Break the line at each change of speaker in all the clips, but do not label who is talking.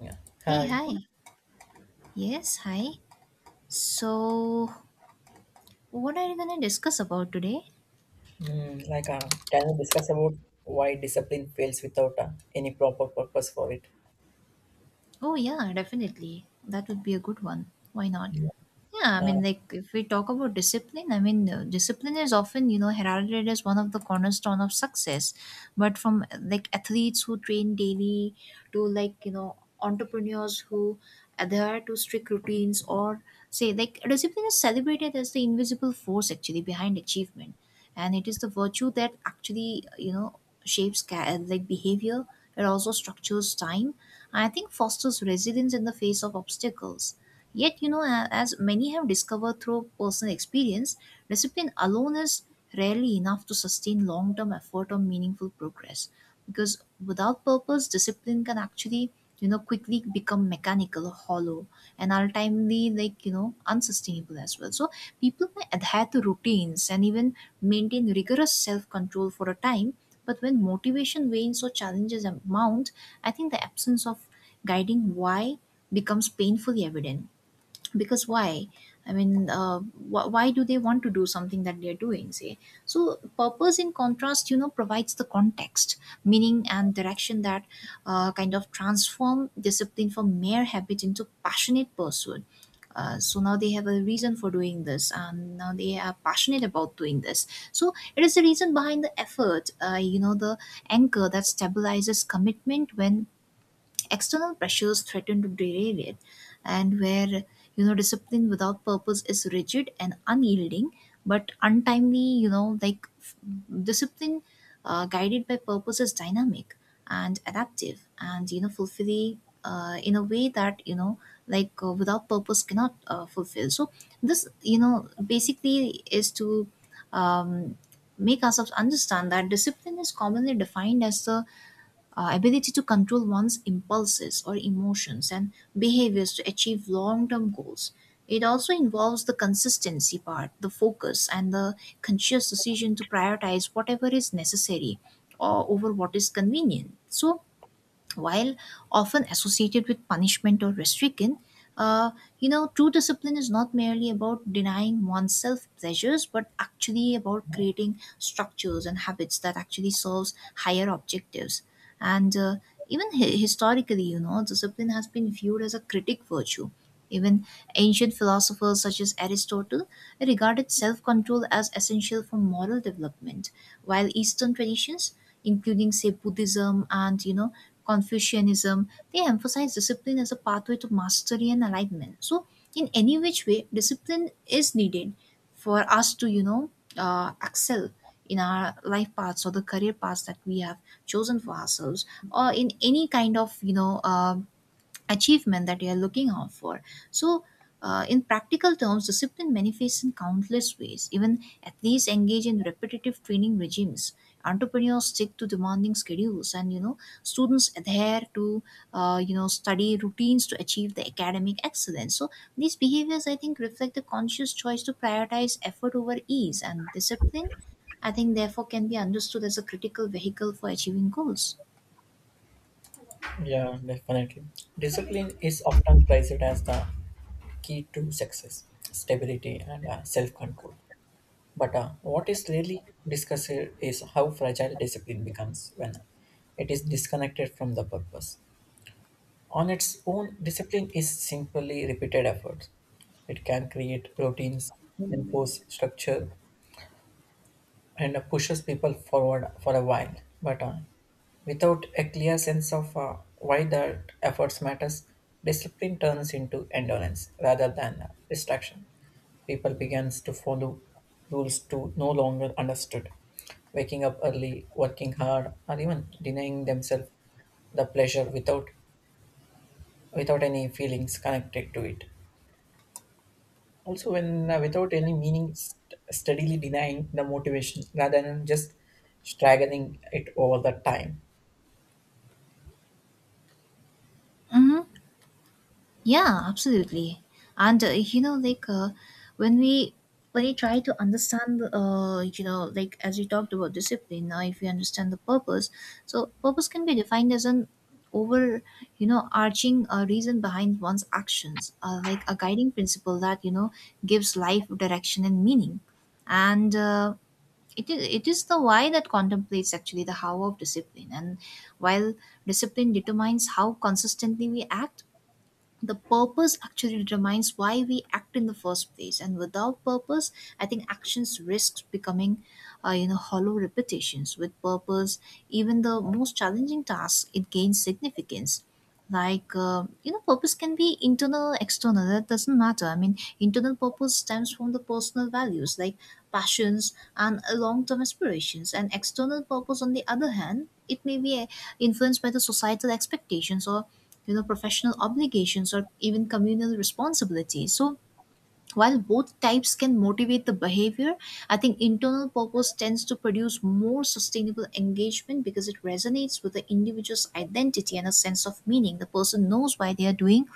Yeah.
Hey,
Hi.
hi. Yes, hi. So, what are you going to discuss about today?
Can you discuss about why discipline fails without any proper purpose for it?
Oh, yeah, definitely. That would be a good one. Why not? Yeah, I
Uh,
mean, like, if we talk about discipline, discipline is often, heralded as one of the cornerstone of success. But from like athletes who train daily to, entrepreneurs who adhere to strict routines, or say, like, discipline is celebrated as the invisible force actually behind achievement, and it is the virtue that actually, shapes like behavior. It also structures time, and I think fosters resilience in the face of obstacles. Yet, you know, as many have discovered through personal experience, discipline alone is rarely enough to sustain long-term effort or meaningful progress, because without purpose, discipline can actually, you know, quickly become mechanical or hollow, and ultimately, like, you know, unsustainable as well. So people may adhere to routines and even maintain rigorous self control for a time, but when motivation wanes or challenges mount, I think the absence of guiding why becomes painfully evident. Because why, i mean uh, why do they want to do something that they're doing, say? So purpose, in contrast, you know, provides the context, meaning and direction that, kind of transform discipline from mere habit into passionate pursuit. So now they have a reason for doing this, and now they are passionate about doing this. So it is the reason behind the effort, you know, the anchor that stabilizes commitment when external pressures threaten to derail it. And where, you know, discipline without purpose is rigid and unyielding, but untimely, you know, discipline guided by purpose is dynamic and adaptive and, you know, fulfilling, in a way that, you know, without purpose cannot, fulfill. So this, you know, basically is to, um, make ourselves understand that discipline is commonly defined as the, ability to control one's impulses or emotions and behaviors to achieve long term goals. It also involves the consistency part, the focus, and the conscious decision to prioritize whatever is necessary or over what is convenient. So, while often associated with punishment or restriction, uh, you know, true discipline is not merely about denying oneself pleasures, but actually about creating structures and habits that actually serves higher objectives. And, even historically, you know, discipline has been viewed as a critic virtue. Even ancient philosophers such as Aristotle regarded self control as essential for moral development, while Eastern traditions, including, say, Buddhism and, you know, Confucianism, they emphasize discipline as a pathway to mastery and enlightenment. So, in any which way, discipline is needed for us to, you know, excel in our life paths or the career paths that we have chosen for ourselves, or in any kind of, you know, achievement that you're looking out for. So, in practical terms, discipline manifests in countless ways. Even athletes engage in repetitive training regimes. Entrepreneurs stick to demanding schedules, and, you know, students adhere to, you know, study routines to achieve the academic excellence. So these behaviors, I think, reflect the conscious choice to prioritize effort over ease, and discipline, I think, therefore, can be understood as a critical vehicle for achieving goals.
yeah, definitely. Discipline is often prized as the key to success, stability, and self control. But what is really discussed here is how fragile discipline becomes when it is disconnected from the purpose. On its own, discipline is simply repeated efforts. It can create routines, enforce structure, and pushes people forward for a while, but without a clear sense of why the efforts matters, discipline turns into endurance rather than distraction. People begins to follow rules to no longer understood, waking up early, working hard, or even denying themselves the pleasure without any feelings connected to it, also when, without any meaning, steadily denying the motivation rather than just straggling it over the time.
Mhm. Yeah, absolutely. And, you know, when we when we try to understand, you know, like as we talked about discipline, now if we understand the purpose, so purpose can be defined as an over, you know, arching reason behind one's actions, like a guiding principle that, you know, gives life direction and meaning. And. It is, it is the why that contemplates actually the how of discipline. And while discipline determines how consistently we act, the purpose actually determines why we act in the first place. And without purpose, I think actions risks becoming, you know, hollow repetitions. With purpose, even the most challenging task, it gains significance. You know, purpose can be internal, external, that doesn't matter. I mean, internal purpose stems from the personal values, like passions and, long-term aspirations, and external purpose, on the other hand, it may be, influenced by the societal expectations, or, you know, professional obligations, or even communal responsibilities. So while both types can motivate the behavior, I think internal purpose tends to produce more sustainable engagement, because it resonates with the individual's identity and a sense of meaning. The person knows why they are doing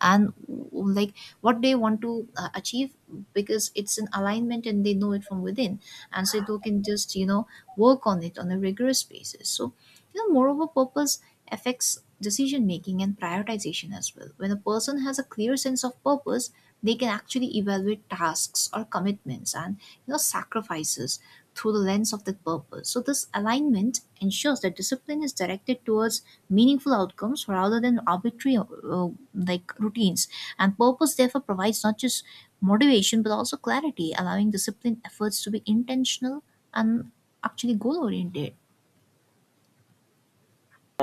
and like what they want to, achieve, because it's an alignment and they know it from within. And so they can just, you know, work on it on a rigorous basis. So, you know, moreover, purpose affects decision making and prioritization as well. When a person has a clear sense of purpose, they can actually evaluate tasks or commitments and, you know, sacrifices through the lens of the purpose. So this alignment ensures that discipline is directed towards meaningful outcomes rather than arbitrary, like routines. And purpose, therefore, provides not just motivation but also clarity, allowing discipline efforts to be intentional and actually goal oriented.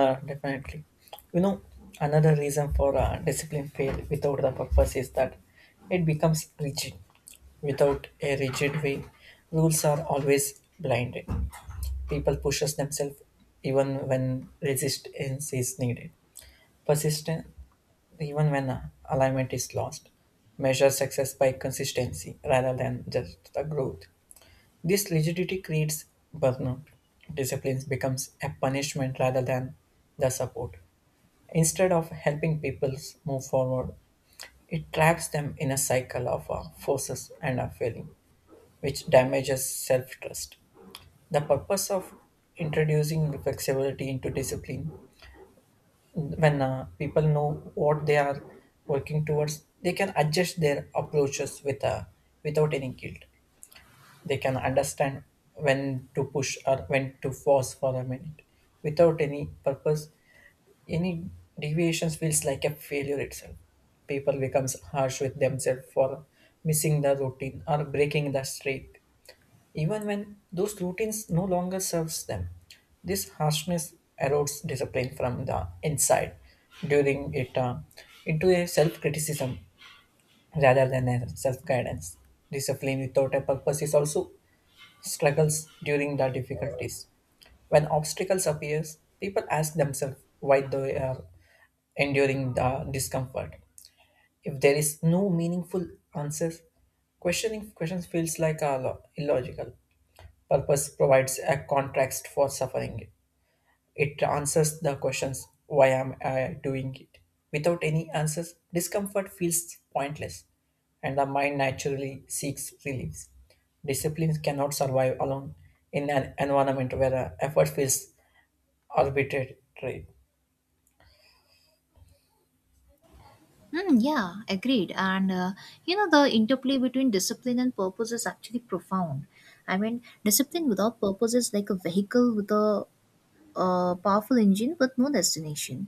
Definitely, you know, another reason for discipline fail without the purpose is that it becomes rigid. Without a rigid way, rules are always blinded, people pushes themselves even when resistance is needed, persistence even when alignment is lost. Measure success by consistency rather than just the growth. This rigidity creates burnout. Discipline becomes a punishment rather than the support. Instead of helping people move forward, it traps them in a cycle of forces and a failing, which damages self trust. The purpose of introducing flexibility into discipline, when people know what they are working towards, they can adjust their approaches without any guilt. They can understand when to push or when to pause for a minute. Without any purpose, any deviations feels like a failure itself. People becomes harsh with themselves for missing the routine or breaking the streak, even when those routines no longer serves them. This harshness erodes discipline from the inside, during it into a self-criticism rather than a self-guidance. Discipline without a purpose is also struggles during the difficulties. When obstacles appears, people ask themselves why they are enduring the discomfort. If there is no meaningful answers, questioning questions feels like a illogical. Purpose provides a context for suffering. It answers the questions, why am I doing it? Without any answers, discomfort feels pointless, and the mind naturally seeks relief. Discipline cannot survive alone in an environment where effort feels arbitrary.
Mm, yeah, agreed. And, you know, the interplay between discipline and purpose is actually profound. I mean, discipline without purpose is like a vehicle with a powerful engine with no destination,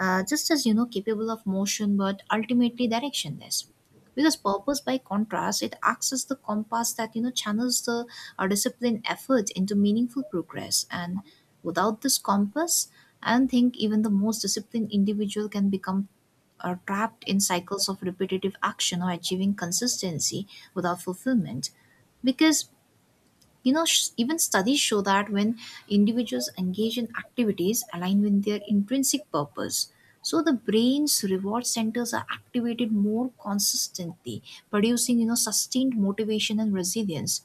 just, as you know, capable of motion but ultimately directionless. Because purpose, by contrast, it acts as the compass that, you know, channels the our disciplined effort into meaningful progress. And without this compass, I don't think even the most disciplined individual can become are trapped in cycles of repetitive action or achieving consistency without fulfillment. Because, you know, even studies show that when individuals engage in activities aligned with their intrinsic purpose, so the brain's reward centers are activated more consistently, producing, you know, sustained motivation and resilience.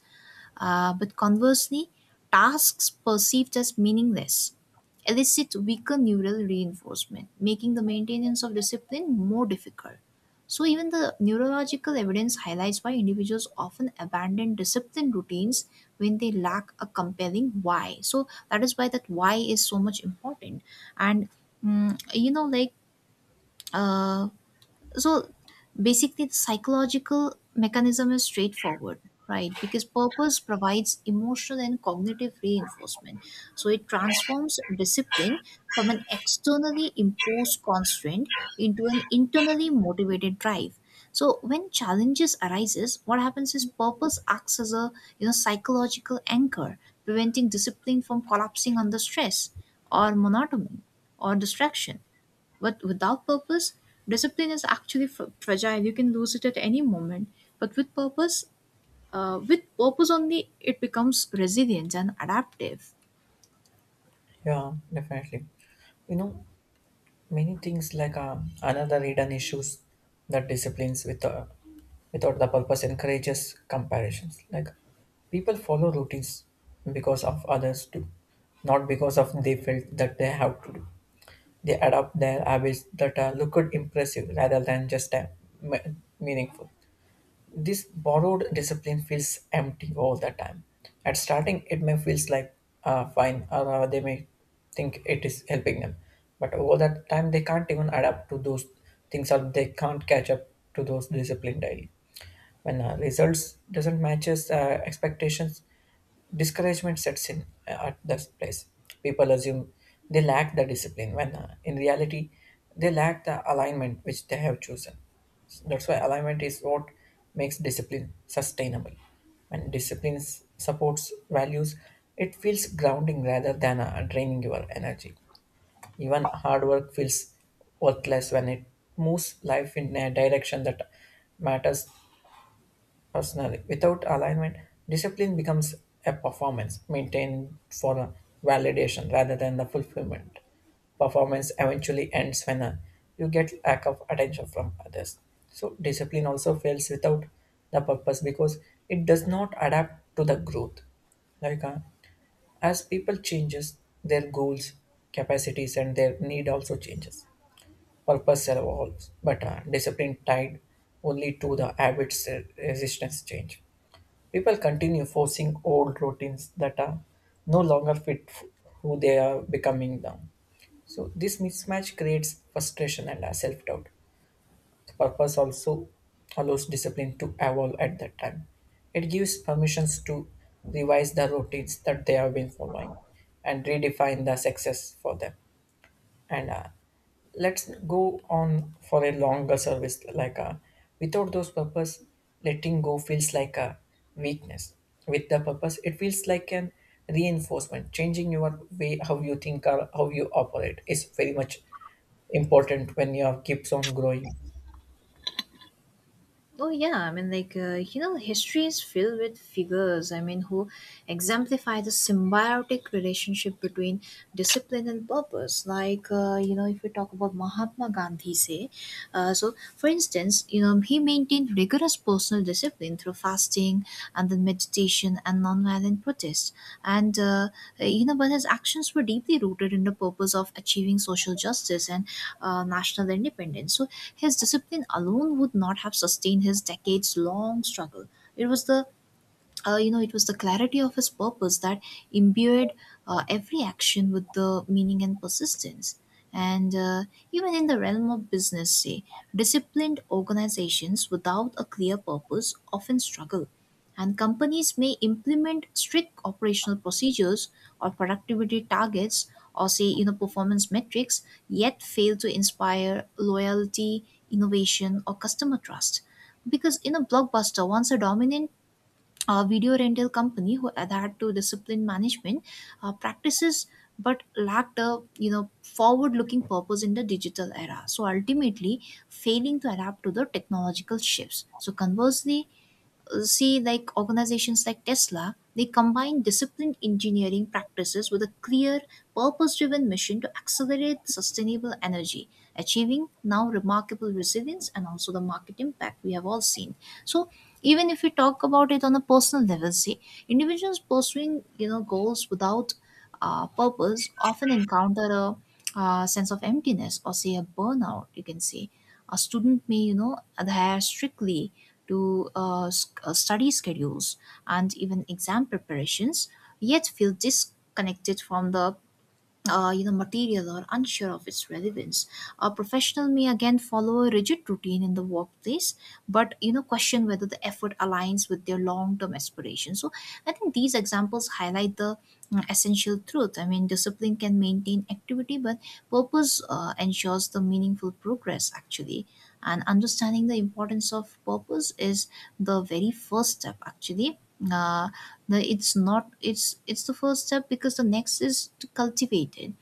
But conversely, tasks perceived as meaningless elicit weaker neural reinforcement, making the maintenance of discipline more difficult. So even the neurological evidence highlights why individuals often abandon discipline routines when they lack a compelling why. So that is why that why is so much important. And, mm, you know, like, uh, so basically, the psychological mechanism is straightforward, right? Because purpose provides emotional and cognitive reinforcement, so it transforms discipline from an externally imposed constraint into an internally motivated drive. So when challenges arises, what happens is purpose acts as a, you know, psychological anchor, preventing discipline from collapsing under stress or monotony or distraction. But without purpose, discipline is actually fragile. You can lose it at any moment. But with purpose only, it becomes resilient and adaptive.
Yeah, definitely. You know, many things like, another hidden issues that disciplines without the purpose encourages comparisons. Like, people follow routines because of others do, not because of they felt that they have to do. They adopt their habits that look good impressive rather than just meaningful. This borrowed discipline feels empty all the time. At starting, it may feels like, fine, or they may think it is helping them, but over that time, they can't even adapt to those things, or they can't catch up to those discipline daily. When results doesn't matches expectations, discouragement sets in at that place. People assume they lack the discipline when, in reality, they lack the alignment which they have chosen. That's why alignment is what makes discipline sustainable. When discipline supports values, it feels grounding rather than draining your energy. Even hard work feels worthless when it moves life in a direction that matters personally. Without alignment, discipline becomes a performance maintained for a validation rather than the fulfillment. Performance eventually ends when you get lack of attention from others. So, discipline also fails without the purpose because it does not adapt to the growth. Like uh, as people changes, their goals, capacities, and their need also changes. Purpose evolves, but discipline tied only to the habits resistance change. People continue forcing old routines that are no longer fit who they are becoming now. So this mismatch creates frustration and self-doubt. The purpose also allows discipline to evolve at that time. It gives permissions to revise the routines that they have been following and redefine the success for them, and let's go on for a longer service. Without those purpose, letting go feels like a weakness. With the purpose, it feels like an reinforcement. Changing your way how you think or how you operate is very much important when you keeps on growing.
Oh yeah, I mean, you know, history is filled with figures, I mean, who exemplify the symbiotic relationship between discipline and purpose. You know, if we talk about Mahatma Gandhi, say, so for instance, you know, he maintained rigorous personal discipline through fasting and then meditation and nonviolent protest. And, you know, but his actions were deeply rooted in the purpose of achieving social justice and, national independence. So his discipline alone would not have sustained his decades long struggle. It was the, you know, it was the clarity of his purpose that imbued, every action with the meaning and persistence. And, even in the realm of business, say, disciplined organizations without a clear purpose often struggle. And companies may implement strict operational procedures or productivity targets or, say, you know, performance metrics, yet fail to inspire loyalty, innovation, or customer trust. Because in a Blockbuster, once a dominant a video rental company who adhered to discipline management, practices, but lacked a, you know, forward looking purpose in the digital era, so ultimately failing to adapt to the technological shifts. So conversely, see, like organizations like Tesla, they combine disciplined engineering practices with a clear purpose driven mission to accelerate sustainable energy, achieving now remarkable resilience and also the market impact we have all seen. So even if we talk about it on a personal level, see, individuals pursuing, you know, goals without, purpose, often encounter a, sense of emptiness, or say, a burnout, you can say. A student may, you know, adhere strictly to, study schedules and even exam preparations, yet feel disconnected from the, you know, material, or unsure of its relevance. A professional may again follow a rigid routine in the workplace, but, you know, question whether the effort aligns with their long-term aspirations. So I think these examples highlight the, essential truth. I mean, discipline can maintain activity, but purpose, ensures the meaningful progress actually. And understanding the importance of purpose is the very first step, actually. Uh, the It's not, it's the first step, because the next is to cultivate it.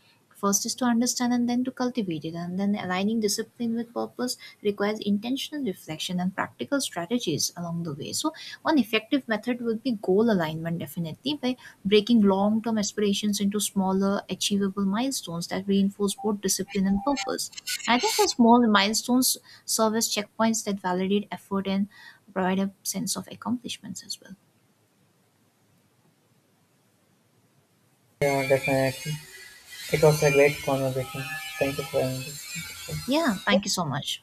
First is to understand, and then to cultivate it, and then aligning discipline with purpose requires intentional reflection and practical strategies along the way. So one effective method would be goal alignment, definitely, by breaking long-term aspirations into smaller achievable milestones that reinforce both discipline and purpose. I think the small milestones serve as checkpoints that validate effort and provide a sense of accomplishments as well.
Yeah, definitely. It was a great conversation. Thank you for having this.
Yeah, thank you so much.